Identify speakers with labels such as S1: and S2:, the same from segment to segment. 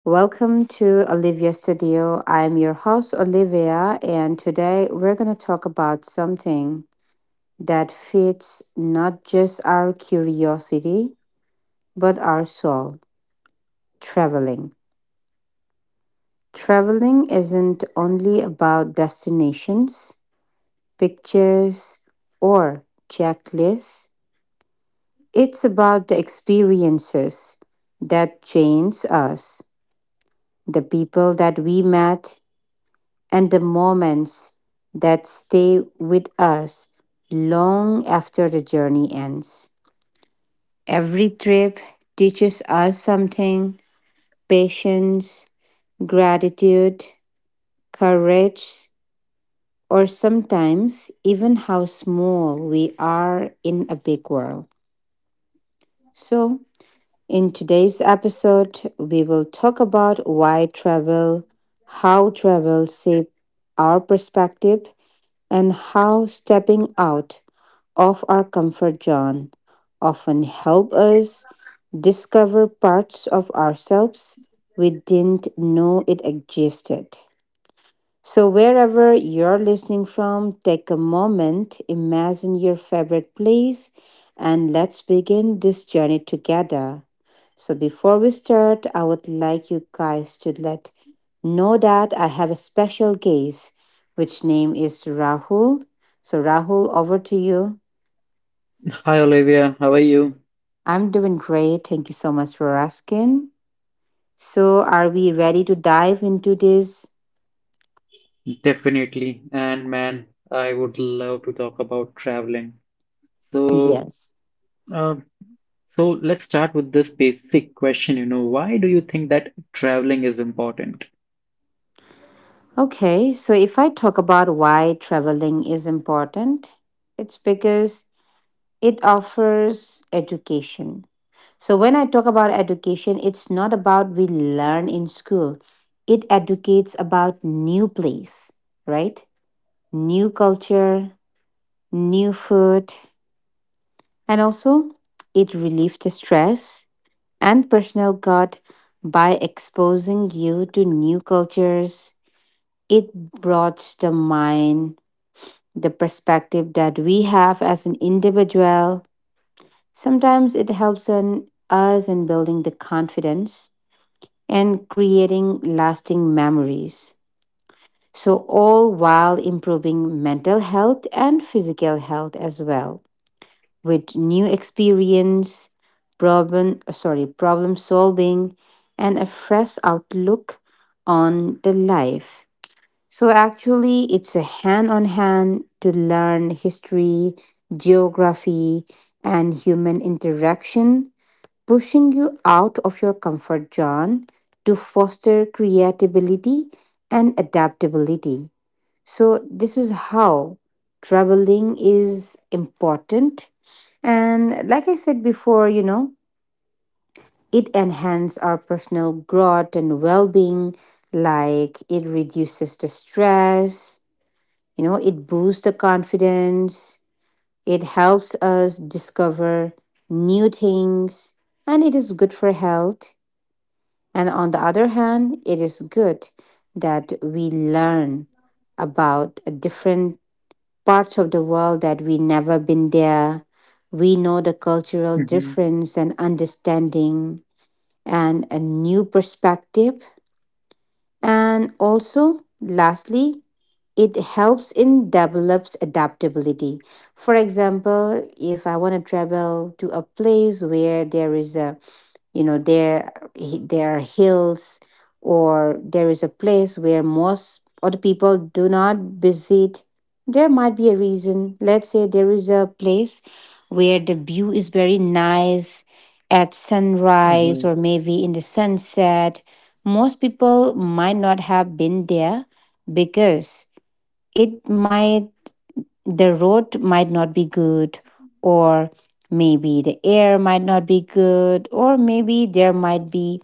S1: Welcome to Olivia Studio. I'm your host, Olivia, and today we're going to talk about something that fits not just our curiosity, but our soul traveling. Traveling isn't only about destinations, pictures, or checklists. It's about the experiences that change us, the people that we met and the moments that stay with us long after the journey ends. Every trip teaches us something patience, gratitude, courage, or sometimes even how small we are in a big world. So, in today's episode, we will talk about why travel, how travel shapes our perspective, and how stepping out of our comfort zone often help us discover parts of ourselves we didn't know it existed. So, wherever you're listening from, take a moment, imagine your favorite place, and let's begin this journey together. So, before we start, I would like you guys to let know that I have a special guest, which name is Rahul. So, Rahul, over to you.
S2: Hi Olivia, how are you?
S1: I'm doing great. Thank you so much for asking. So, are we ready to dive into this?
S2: Definitely. And man, I would love to talk about traveling. So,
S1: Yes.
S2: um, so let's start with this basic question, you know, why do you think that traveling is important?
S1: Okay, so if I talk about why traveling is important, it's because it offers education. So, when I talk about education, it's not about we learn in school, it educates about new place, right? New culture, new food, and also, it relieves the stress and personal guard by exposing you to new cultures. It broadens the mind, the perspective that we have as an individual. Sometimes it helps on us in building the confidence and creating lasting memories. So, all while improving mental health and physical health as well. With new experience, problem solving and a fresh outlook on the life. So actually it's a hand on hand to learn history, geography and human interaction, pushing you out of your comfort zone to foster creativity and adaptability. So, this is how traveling is important. And like I said before, it enhances our personal growth and well being, like it reduces the stress, it boosts the confidence, it helps us discover new things, and it is good for health. And on the other hand, it is good that we learn about a different parts of the world that we never been there. We know the cultural
S2: Mhm,
S1: difference and understanding and a new perspective. And also, lastly, it helps in develops adaptability. For example, if I want to travel to a place where there is a, there are hills, or there is a place where most other people do not visit, there might be a reason. Let's say there is a place where the view is very nice at sunrise
S2: mhm.
S1: or maybe in the sunset. Most people might not have been there because it might the road might not be good, or maybe the air might not be good, or maybe there might be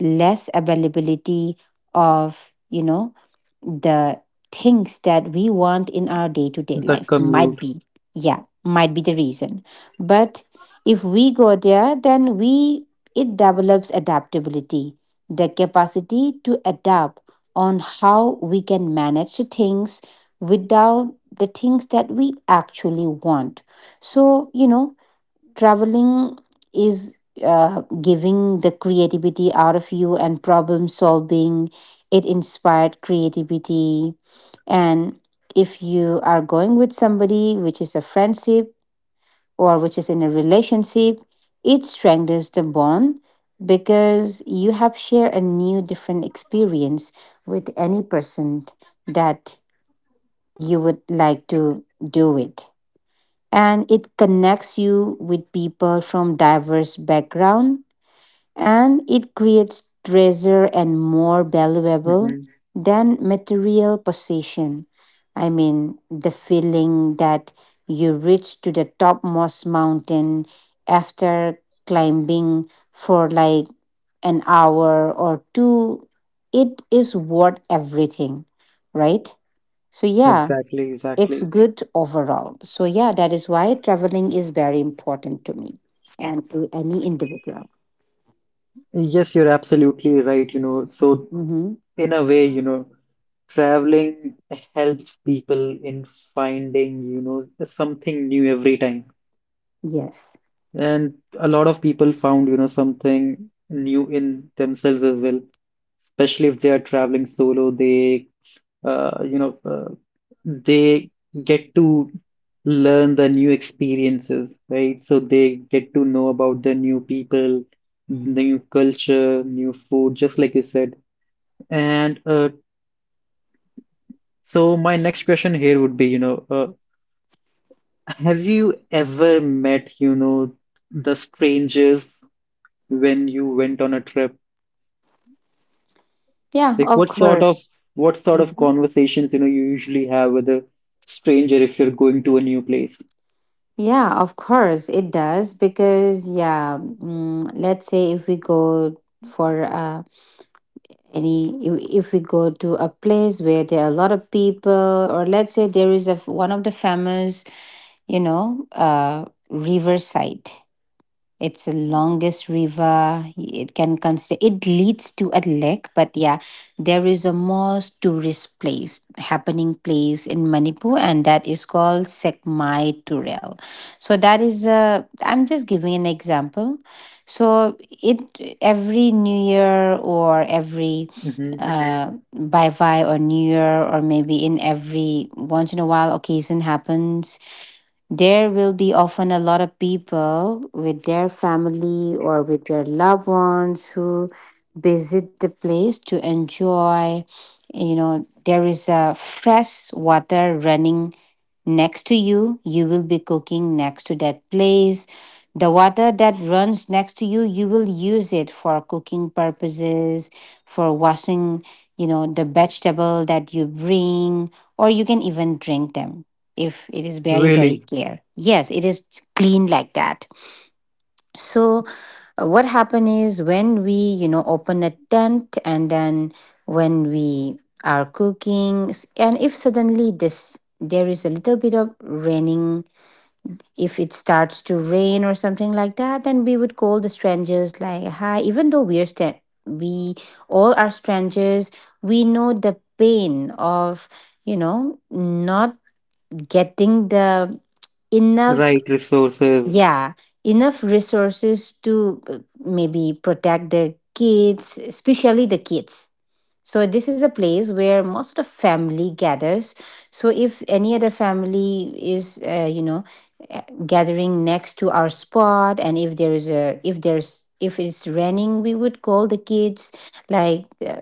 S1: less availability of the things that we want in our day-to-day
S2: The
S1: life might
S2: commute.
S1: be. Yeah, might be the reason, but if we go there then we it develops adaptability, the capacity to adapt on how we can manage the things without the things that we actually want. So, traveling is giving the creativity out of you and problem solving, it inspired creativity. And if you are going with somebody which is a friendship or which is in a relationship, it strengthens the bond because you have shared a new different experience with any person that you would like to do it, and it connects you with people from diverse background, and it creates treasure and more valuable
S2: Mhm.
S1: than material possession. I mean the feeling that you reach to the topmost mountain after climbing for like an hour or two, it is worth everything, right? So yeah,
S2: Exactly,
S1: it's
S2: exactly.
S1: good overall. So yeah, that is why traveling is very important to me and to any individual.
S2: Yes, you're absolutely right, you know. So
S1: Mm-hmm.
S2: in a way, you know, traveling helps people in finding, you know, something new every time.
S1: Yes.
S2: And a lot of people found, you know, something new in themselves as well. Especially if they are traveling solo, uh, you know, uh, they get to learn the new experiences, right? So they get to know about the new people, new culture, new food, just like you said. And so, my next question here would be, you know, have you ever met, you know, the strangers when you went on a trip?
S1: Yeah,
S2: Like
S1: of course.
S2: what sort of
S1: Mhm.
S2: conversations, you know, you usually have with a stranger if you're going to a new place?
S1: Yeah, of course it does. Because yeah, let's say if we go for any if we go to a place where there are a lot of people, or let's say there is one of the famous, riverside. It's the longest river. It can consider it leads to a lake, but yeah, there is a most tourist place, happening place in Manipur, and that is called Sekmai Turel. So that is a. I'm just giving an example. So it every New Year or every
S2: Mm-hmm.
S1: bye bye or New Year, or maybe in every once in a while occasion happens, there will be often a lot of people with their family or with their loved ones who visit the place to enjoy. There is a fresh water running next to you, you will be cooking next to that place. The water that runs next to you, you will use it for cooking purposes, for washing, the vegetable that you bring, or you can even drink them if it is very,
S2: Really,
S1: very clear. Yes, it is clean like that. So, what happen is when we open a tent, and then when we are cooking, and if suddenly this there is a little bit of raining. If it starts to rain or something like that, then we would call the strangers like, hi. Even though we are we all are strangers, we know the pain of not getting the enough,
S2: right resources.
S1: yeah, enough resources to maybe protect the kids, especially the kids. So this is a place where most of the family gathers. So if any other family is, gathering next to our spot, and if there is a, if there's, if it's raining, we would call the kids, like, uh,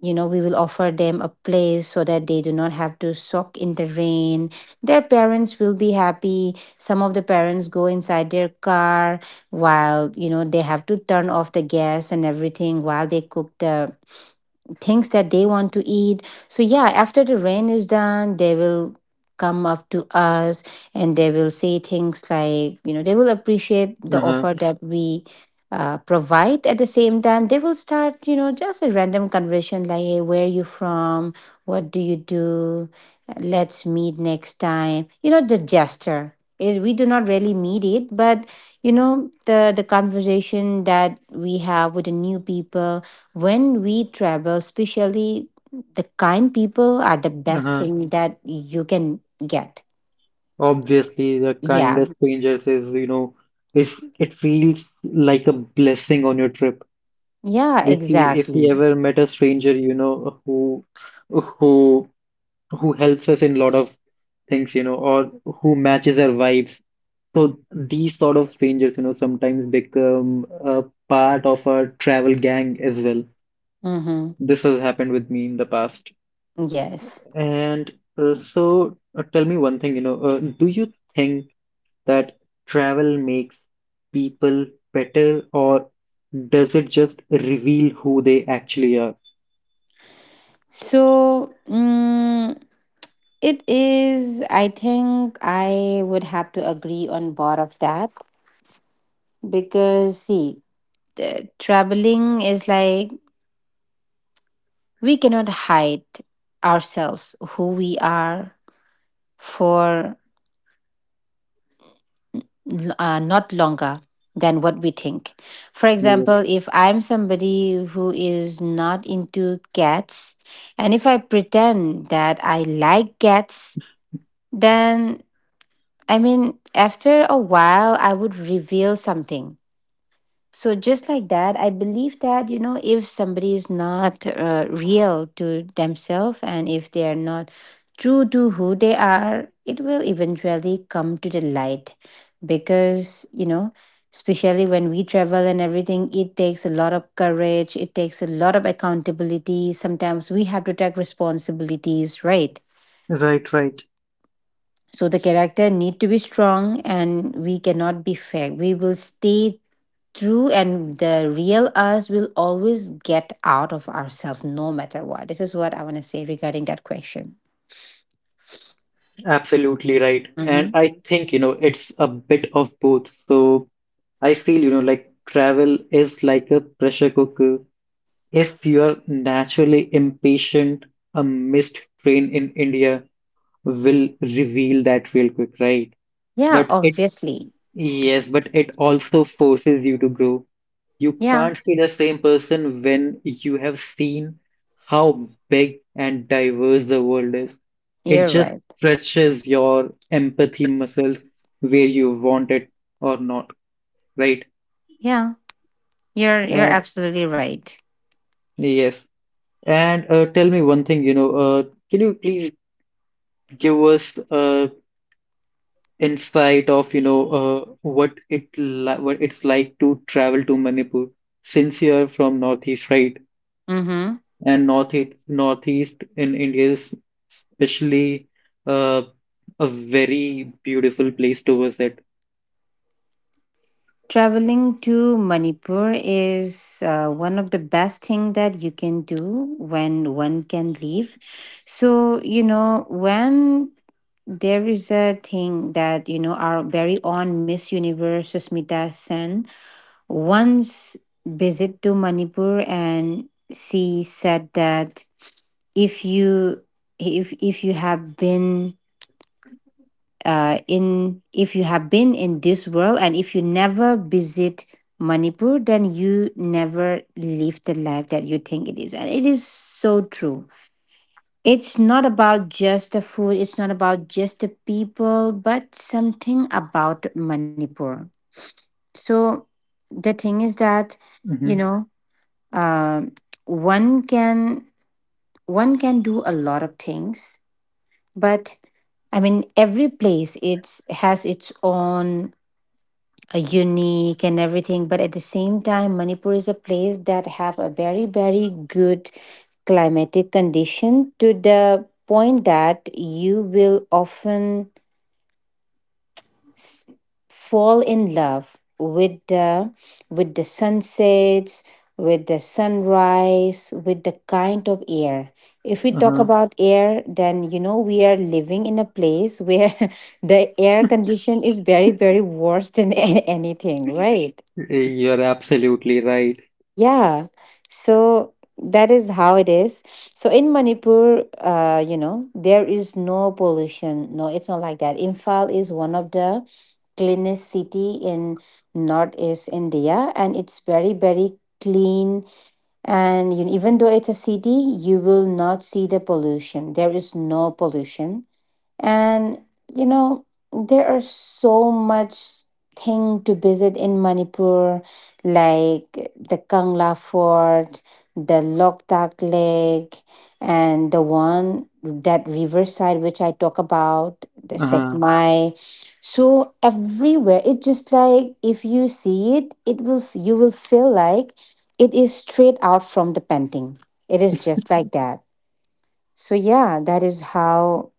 S1: you know we will offer them a place so that they do not have to soak in the rain. Their parents will be happy. Some of the parents go inside their car while they have to turn off the gas and everything while they cook the things that they want to eat. So yeah, after the rain is done, they will come up to us and they will say things like, they will appreciate the
S2: Uh-huh,
S1: offer that we provide. At the same time, they will start, just a random conversation like, hey, where are you from? What do you do? Let's meet next time. The gesture is we do not really meet it, but the conversation that we have with the new people when we travel, especially the kind people, are the best
S2: uh-huh.
S1: thing that you can get.
S2: Obviously, the kind
S1: Yeah.
S2: of strangers is, you know, is it feels like a blessing on your trip.
S1: Yeah,
S2: If you
S1: exactly.
S2: ever met a stranger, you know, who who helps us in lot of things, you know, or who matches our vibes. So these sort of strangers, you know, sometimes become a part of our travel gang as well.
S1: Mm-hmm.
S2: This has happened with me in the past.
S1: Yes.
S2: And tell me one thing, you know, do you think that travel makes people better, or does it just reveal who they actually are?
S1: So, it is, I think I would have to agree on both of that. Because, see, traveling is like we cannot hide ourselves, who we are, for not longer than what we think. For
S2: Yes.
S1: example, if I'm somebody who is not into cats, and if I pretend that I like cats, then I mean, after a while, I would reveal something. So just like that, I believe that if somebody is not real to themselves, and if they are not true to who they are, it will eventually come to the light. Because especially when we travel and everything, it takes a lot of courage, it takes a lot of accountability, sometimes we have to take responsibilities, right?
S2: Right, right.
S1: So the character need to be strong, and we cannot be fake, we will stay true, and the real us will always get out of ourselves no matter what. This is what I want to say regarding that question.
S2: Absolutely right. And
S1: Hmm.
S2: I think, you know, it's a bit of both. So I feel, you know, like travel is like a pressure cooker. If you are naturally impatient, a missed train in India will reveal that real quick, right?
S1: Yeah,
S2: But it,
S1: obviously.
S2: yes, but it also forces you to grow. You
S1: Yeah,
S2: can't see the same person when you have seen how big and diverse the world is. It
S1: you're
S2: just
S1: right.
S2: stretches your empathy muscles where you want it or not, right?
S1: Yeah, you're
S2: Uh,
S1: absolutely right.
S2: yes. And tell me one thing, you know, can you please give us in spite of you know what it li what it's like to travel to Manipur since you're from Northeast, right?
S1: Mm-hmm.
S2: And Northeast in India is especially uh, a very beautiful place to visit.
S1: Traveling to Manipur is one of the best thing that you can do when one can leave. So when there is a thing that our very own Miss Universe Susmita Sen once visit to Manipur, and she said that if you if you have been in if you have been in this world, and if you never visit Manipur, then you never live the life that you think it is. And it is so true. It's not about just the food, it's not about just the people, but something about Manipur. So the thing is that, you
S2: Hmm.
S1: know, um, one can do a lot of things. But I mean every place it's has its own unique and everything. But at the same time, Manipur is a place that have a very very good climatic condition to the point that you will often s- fall in love with the sunsets, with the sunrise, with the kind of air. If we talk
S2: Uh-huh.
S1: about air then we are living in a place where the air condition is very very worse than anything, right?
S2: You're absolutely right.
S1: Yeah. So that is how it is. So in Manipur, there is no pollution. No, it's not like that. Imphal is one of the cleanest city in northeast India, and it's very, very clean. And you, even though it's a city, you will not see the pollution. There is no pollution and you know there are so much thing to visit in Manipur, like the Kangla Fort, the lok tak lake, and the one that riverside which I talk about, the
S2: Uh-huh.
S1: Sekmai. So everywhere it just like if you see it it will you will feel like it is straight out from the painting. It is just like that. So yeah, that is how,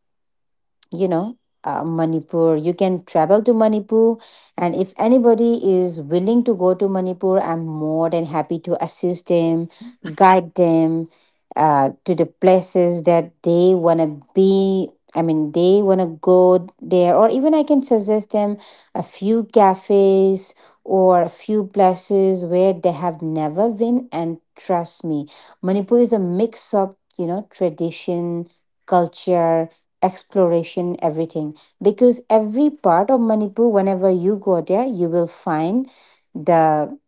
S1: you know Manipur. You can travel to Manipur, and if anybody is willing to go to Manipur, I'm more than happy to assist them, guide them to the places that they want to be. I mean, they want to go there, or even I can suggest them a few cafes or a few places where they have never been. And trust me, Manipur is a mix of, you know, tradition, culture, exploration, everything. Because every part of Manipur, whenever you go there, you will find the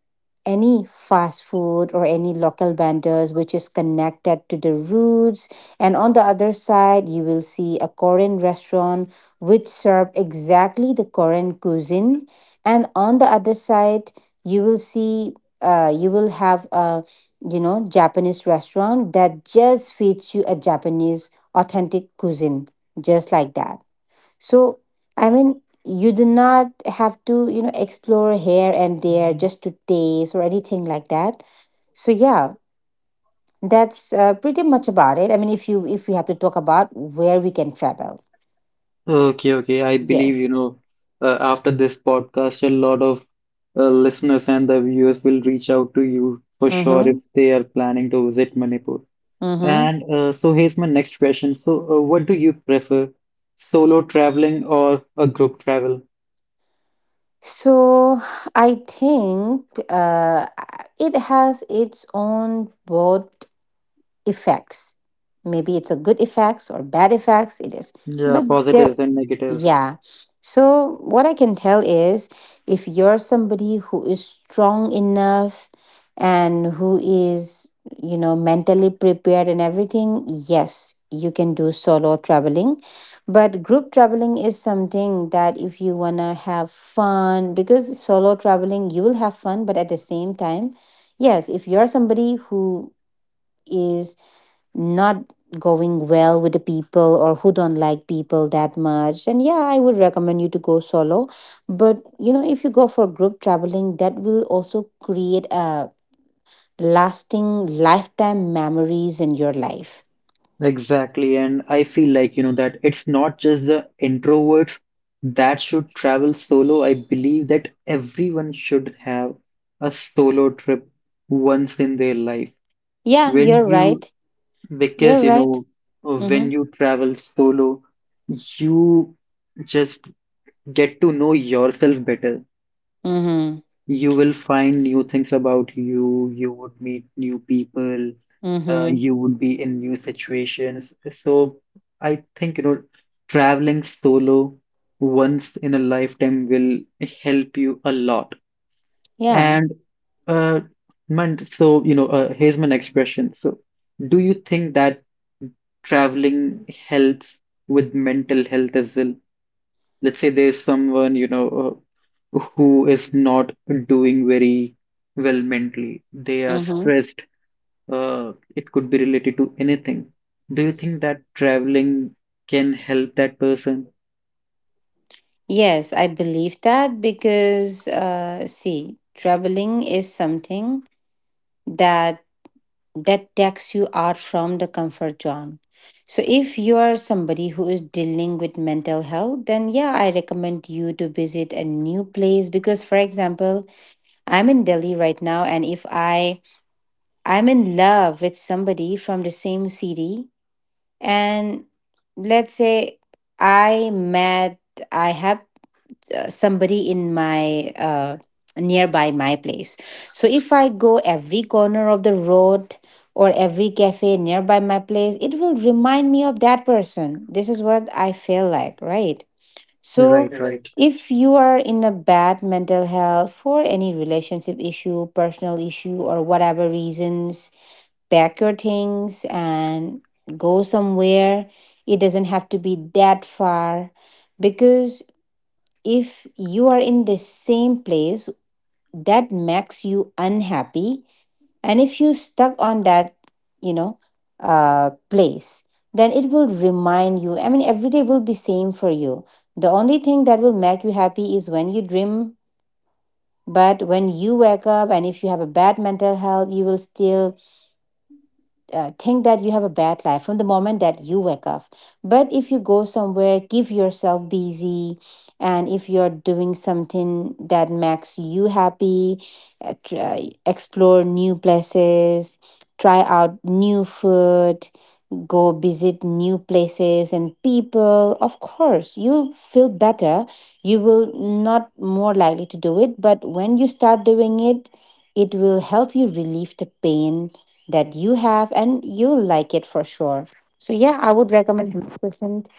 S1: any fast food or any local vendors which is connected to the roots, and on the other side you will see a Korean restaurant which serve exactly the Korean cuisine, and on the other side you will see, you will have a, you know, Japanese restaurant that just feeds you a Japanese authentic cuisine, just like that. So, I mean, you do not have to, you know, explore here and there just to taste or anything like that. So, yeah, that's pretty much about it. I mean, if we have to talk about where we can travel,
S2: Okay, okay. I believe, you
S1: yes.
S2: know, after this podcast, a lot of listeners and the viewers will reach out to you for sure if
S1: Mm-hmm.
S2: they are planning to visit Manipur.
S1: Mm-hmm.
S2: And so here's my next question. So, what do you prefer, solo traveling or a group travel?
S1: So, I think, uh, it has its own both effects. Maybe it's a good effects or bad effects. It is,
S2: Yeah,
S1: but there,
S2: positives and negatives.
S1: yeah. So what I can tell is, if you're somebody who is strong enough and who is, you know, mentally prepared and everything, yes, you can do solo traveling. But group traveling is something that if you wanna have fun, because solo traveling you will have fun, but at the same time, yes, if you're somebody who is not going well with the people or who don't like people that much, and yeah, I would recommend you to go solo. But you know, if you go for group traveling, that will also create a lasting lifetime memories in your life.
S2: Exactly. And I feel like, you know, that it's not just the introverts that should travel solo. I believe that everyone should have a solo trip once in their life.
S1: Yeah, you're
S2: When you,
S1: right. You're
S2: because, you
S1: right.
S2: know,
S1: Mm-hmm.
S2: when you travel solo, you just get to know yourself better.
S1: Mm-hmm.
S2: You will find new things about you, you would meet new people,
S1: Mm-hmm.
S2: you would be in new situations. So I think, you know, traveling solo once in a lifetime will help you a lot.
S1: Yeah.
S2: And uh, man, so you know, Here's my next question. So, do you think that traveling helps with mental health as well? Let's say there's someone, you know, who is not doing very well mentally. They are
S1: Mm-hmm.
S2: stressed. It could be related to anything. Do you think that traveling can help that person?
S1: Yes, I believe that because see, traveling is something that that takes you out from the comfort zone. So, if you are somebody who is dealing with mental health, then yeah, I recommend you to visit a new place because, for example, I'm in Delhi right now, and if I I'm in love with somebody from the same city, and let's say I met, I have somebody in my, nearby my place. So if I go every corner of the road or every cafe nearby my place, it will remind me of that person. This is what I feel like, right? So
S2: Right, right.
S1: if you are in a bad mental health for any relationship issue, personal issue, or whatever reasons, pack your things and go somewhere. It doesn't have to be that far. Because if you are in the same place that makes you unhappy, and if you stuck on that, you know place, then it will remind you. I mean, every day will be same for you. The only thing that will make you happy is when you dream. But when you wake up and if you have a bad mental health, you will still think that you have a bad life from the moment that you wake up. But if you go somewhere, give yourself busy, and if you're doing something that makes you happy, try, explore new places, try out new food, go visit new places and people. Of course you feel better. You will not more likely to do it, but when you start doing it, it will help you relieve the pain that you have, and you'll like it for sure. So yeah, I would recommend 100%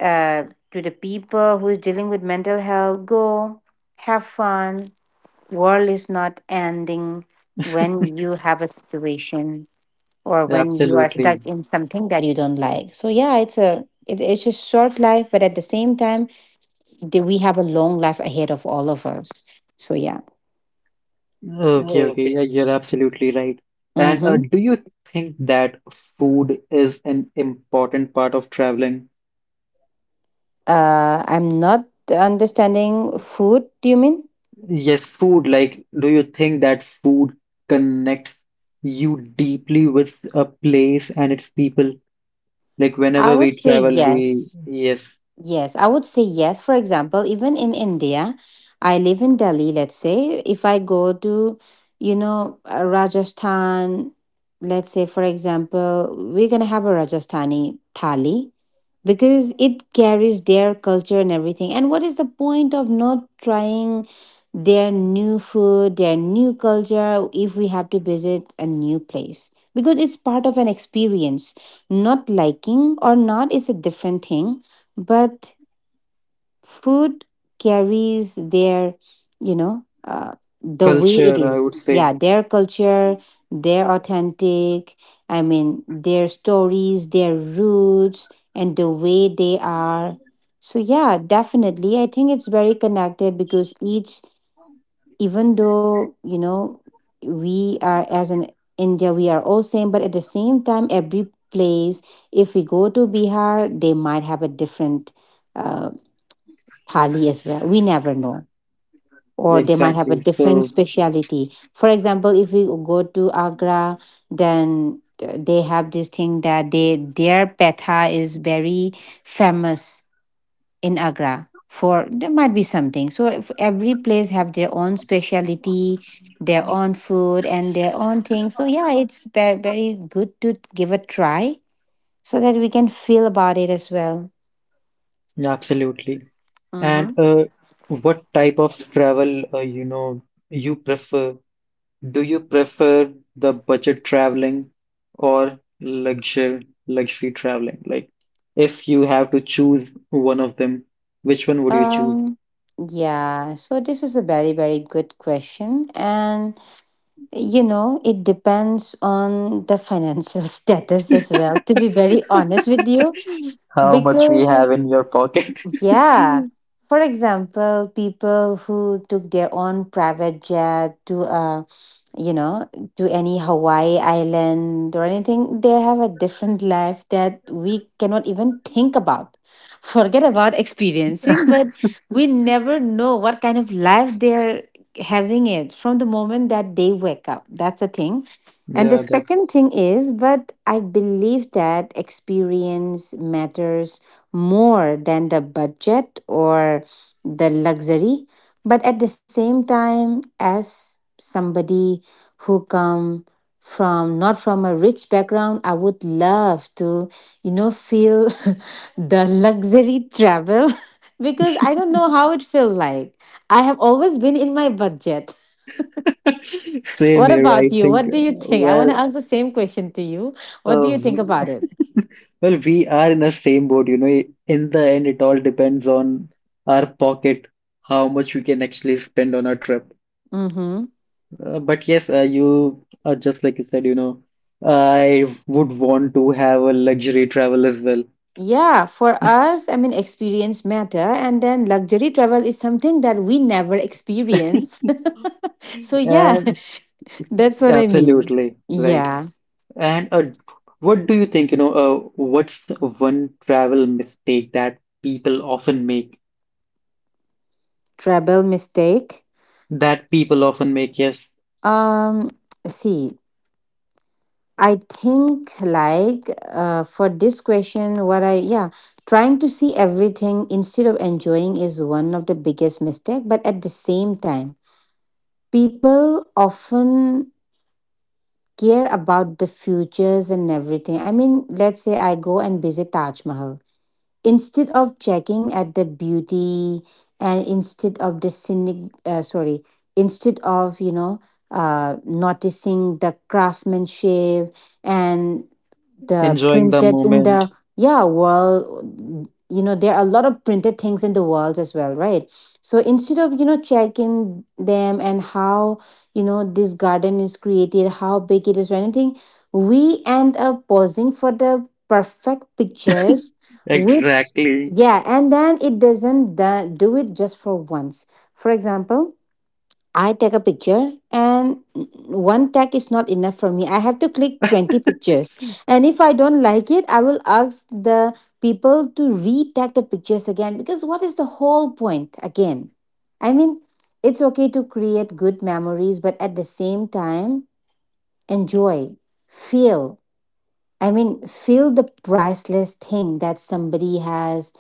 S1: uh, to the people who is dealing with mental health. Go have fun. World is not ending when you have a situation or when you are
S2: Absolutely.
S1: stuck in something that you don't like. So yeah, it's a it's a short life, but at the same time, we have a long life ahead of all of us. So yeah.
S2: Okay, okay. Yeah, you're absolutely right. And
S1: Mm-hmm.
S2: do you think that food is an important part of traveling?
S1: I'm not understanding food. Do you mean?
S2: Yes, food. Like, do you think that food connects you deeply with a place and its people? Like,
S1: I
S2: whenever
S1: would
S2: we
S1: say
S2: travel, we,
S1: yes.
S2: yes,
S1: Yes, I would say yes. For example, even in India, I live in Delhi, let's say. If I go to, you know, Rajasthan, let's say, for example, we're going to have a Rajasthani thali because it carries their culture and everything. And what is the point of not trying their new food, their new culture, if we have to visit a new place? Because it's part of an experience. Not liking or not is a different thing, but food carries their, you know uh, the way it
S2: culture, I would
S1: is,
S2: say.
S1: yeah, their culture, their authentic, I mean, their stories, their roots, and the way they are. So yeah, definitely I think it's very connected because each, even though you know, we are as an India, we are all same, but at the same time every place, if we go to Bihar, they might have a different uh, thali as well. We never know.
S2: Yeah,
S1: Or they might have a
S2: exactly.
S1: different
S2: So,
S1: speciality. For example, if we go to Agra, then they have this thing that they their petha is very famous in Agra. For there might be something. So if every place have their own speciality, their own food and their own thing. So yeah, it's very, very good to give a try so that we can feel about it as well.
S2: yeah, absolutely. And
S1: Mhm.
S2: uh, what type of travel, you know, you prefer? Do you prefer the budget traveling or luxury traveling? Like, if you have to choose one of them, which one would you choose?
S1: Um, yeah, so this is a very, very good question. And, you know, it depends on the financial status as well, to be very honest with you.
S2: How much we have
S1: Because,
S2: in your pocket?
S1: yeah, for example, people who took their own private jet to a, you know, to any Hawaii island or anything, they have a different life that we cannot even think about. Forget about experiencing, but we never know what kind of life they're having it from the moment that they wake up. That's a thing. And the
S2: Yeah,
S1: second thing is, but I believe that experience matters more than the budget or the luxury. But at the same time, as somebody who come from not from a rich background, I would love to, you know, feel the luxury travel because I don't know how it feels like. I have always been in my budget.
S2: that's same
S1: What
S2: here, I
S1: about you?
S2: think.
S1: What do you think? I want
S2: Well,
S1: to ask the same question to you. What do
S2: uh,
S1: you think
S2: we,
S1: about it?
S2: well, we are in the same boat, you know. In the end, it all depends on our pocket, how much we can actually spend on our trip.
S1: Mm-hmm.
S2: But yes, you just like you said, you know, I would want to have a luxury travel as well.
S1: Yeah, for us, I mean, experience matter, and then luxury travel is something that we never experience. So yeah.
S2: And
S1: That's what I mean.
S2: absolutely right.
S1: Yeah.
S2: And what do you think, you know, what's the one travel mistake that people often make?
S1: Trouble mistake.
S2: That people often make, yes,
S1: Um, see, I think like for this question, what I yeah, trying to see everything instead of enjoying is one of the biggest mistake. But at the same time, people often care about the futures and everything. I mean, let's say I go and visit Taj Mahal. Instead of checking at the beauty, and instead of the cynic, sorry, instead of, you know, noticing the craftsmanship and the
S2: enjoying the
S1: printed in the,
S2: moment.
S1: yeah, world, you know, there are a lot of printed things in the world as well, right? So instead of, you know, checking them and how, you know, this garden is created, how big it is or anything, we end up pausing for the perfect pictures, which,
S2: Exactly.
S1: yeah, and then it doesn't do it just for once. For example, I take a picture and one tag is not enough for me. I have to click 20 pictures. And if I don't like it, I will ask the people to re-tag the pictures again, because what is the whole point again? I mean, it's okay to create good memories, but at the same time, enjoy, feel. I mean, feel the priceless thing that somebody has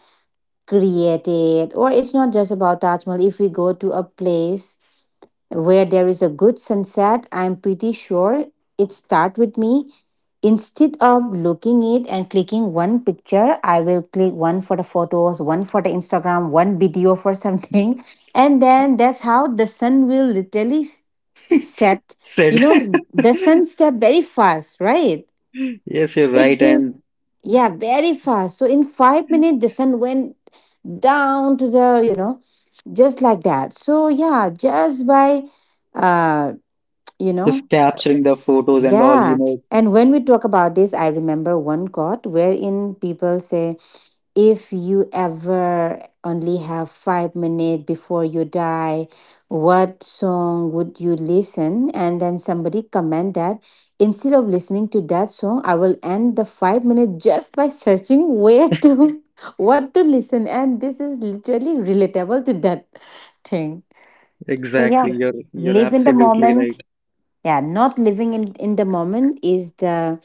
S1: created. Or it's not just about Taj Mahal. If we go to a place where there is a good sunset, I'm pretty sure it start with me. Instead of looking it and clicking one picture, I will click one for the photos, one for the Instagram, one video for something. And then that's how the sun will literally set.
S2: Said.
S1: You know, the sun set very fast, right?
S2: Yes, you're
S1: It
S2: right.
S1: just,
S2: And
S1: yeah, very fast. So in 5 minutes the sun went down to the, you know, just like that. So yeah, just by uh you know
S2: just capturing the photos and all, you
S1: yeah,
S2: know,
S1: and when we talk about this, I remember one quote wherein people say, if you ever only have 5 minutes before you die, what song would you listen? And then somebody comment that instead of listening to that song, I will end the 5 minutes just by searching where to what to listen. And this is literally relatable to that thing. So yeah,
S2: exactly. You're
S1: live in the
S2: absolutely
S1: moment.
S2: right.
S1: Yeah, not living in the moment is the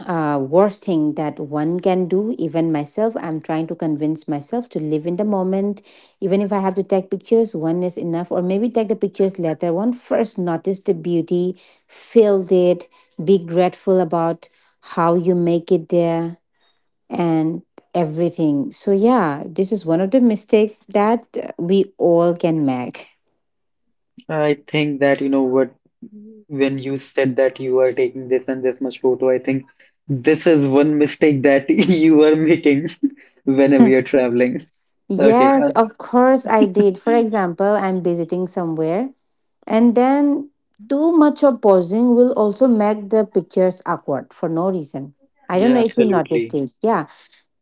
S1: worst thing that one can do. Even myself, I'm trying to convince myself to live in the moment. Even if I have to take pictures, one is enough, or maybe take the pictures later. One first notice the beauty, feel it, be grateful about how you make it there, and everything. So, yeah, this is one of the mistake that we all can make.
S2: I think that you know what, when you said that you are taking this and this much photo, I think this is one mistake that you are making whenever you're traveling. Okay,
S1: Yes,
S2: uh,
S1: of course I did. For example, I'm visiting somewhere, and then too much of posing will also make the pictures awkward for no reason. I don't
S2: yeah,
S1: know if you noticed
S2: absolutely.
S1: it. Yeah,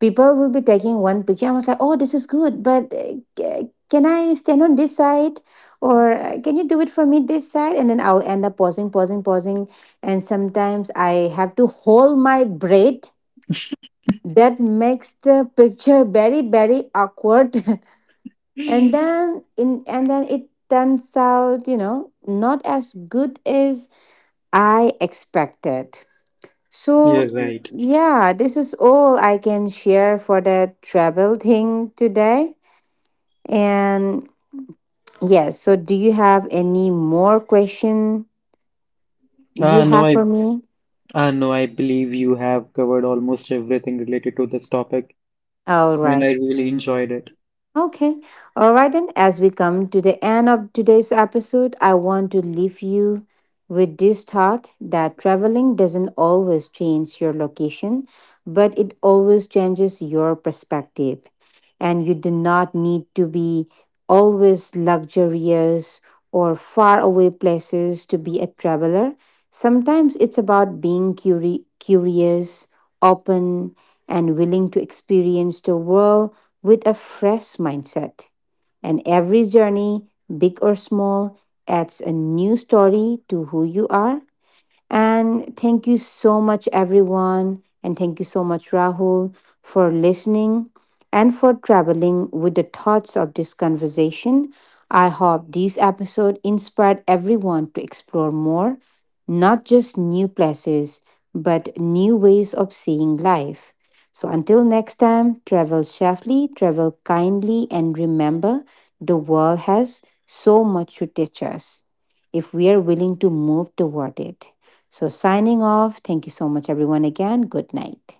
S1: people will be taking one picture. I was like, oh, this is good, but can I stand on this side? Or can you do it for me this side? And then I'll end up pausing, pausing, pausing. And sometimes I have to hold my breath. That makes the picture very, very awkward. and
S2: You're
S1: then in and then it turns out, you know, not as good as I expected. So yeah,
S2: right.
S1: yeah, this is all I can share for the travel thing today. And yeah, so do you have any more question you
S2: Uh, no,
S1: have
S2: I
S1: for me?
S2: no, I believe you have covered almost everything related to this topic,
S1: All
S2: and
S1: right.
S2: I really enjoyed it.
S1: Okay. All right, then, as we come to the end of today's episode, I want to leave you with this thought that traveling doesn't always change your location, but it always changes your perspective. And you do not need to be always luxurious or far away places to be a traveler. Sometimes it's about being curious, open, and willing to experience the world with a fresh mindset. And every journey, big or small, adds a new story to who you are. And thank you so much, everyone. And thank you so much, Rahul, for listening and for traveling with the thoughts of this conversation. I hope this episode inspired everyone to explore more, not just new places, but new ways of seeing life. So until next time, travel safely, travel kindly, and remember the world has so much to teach us if we are willing to move toward it. So signing off. Thank you so much, everyone, again. Good night.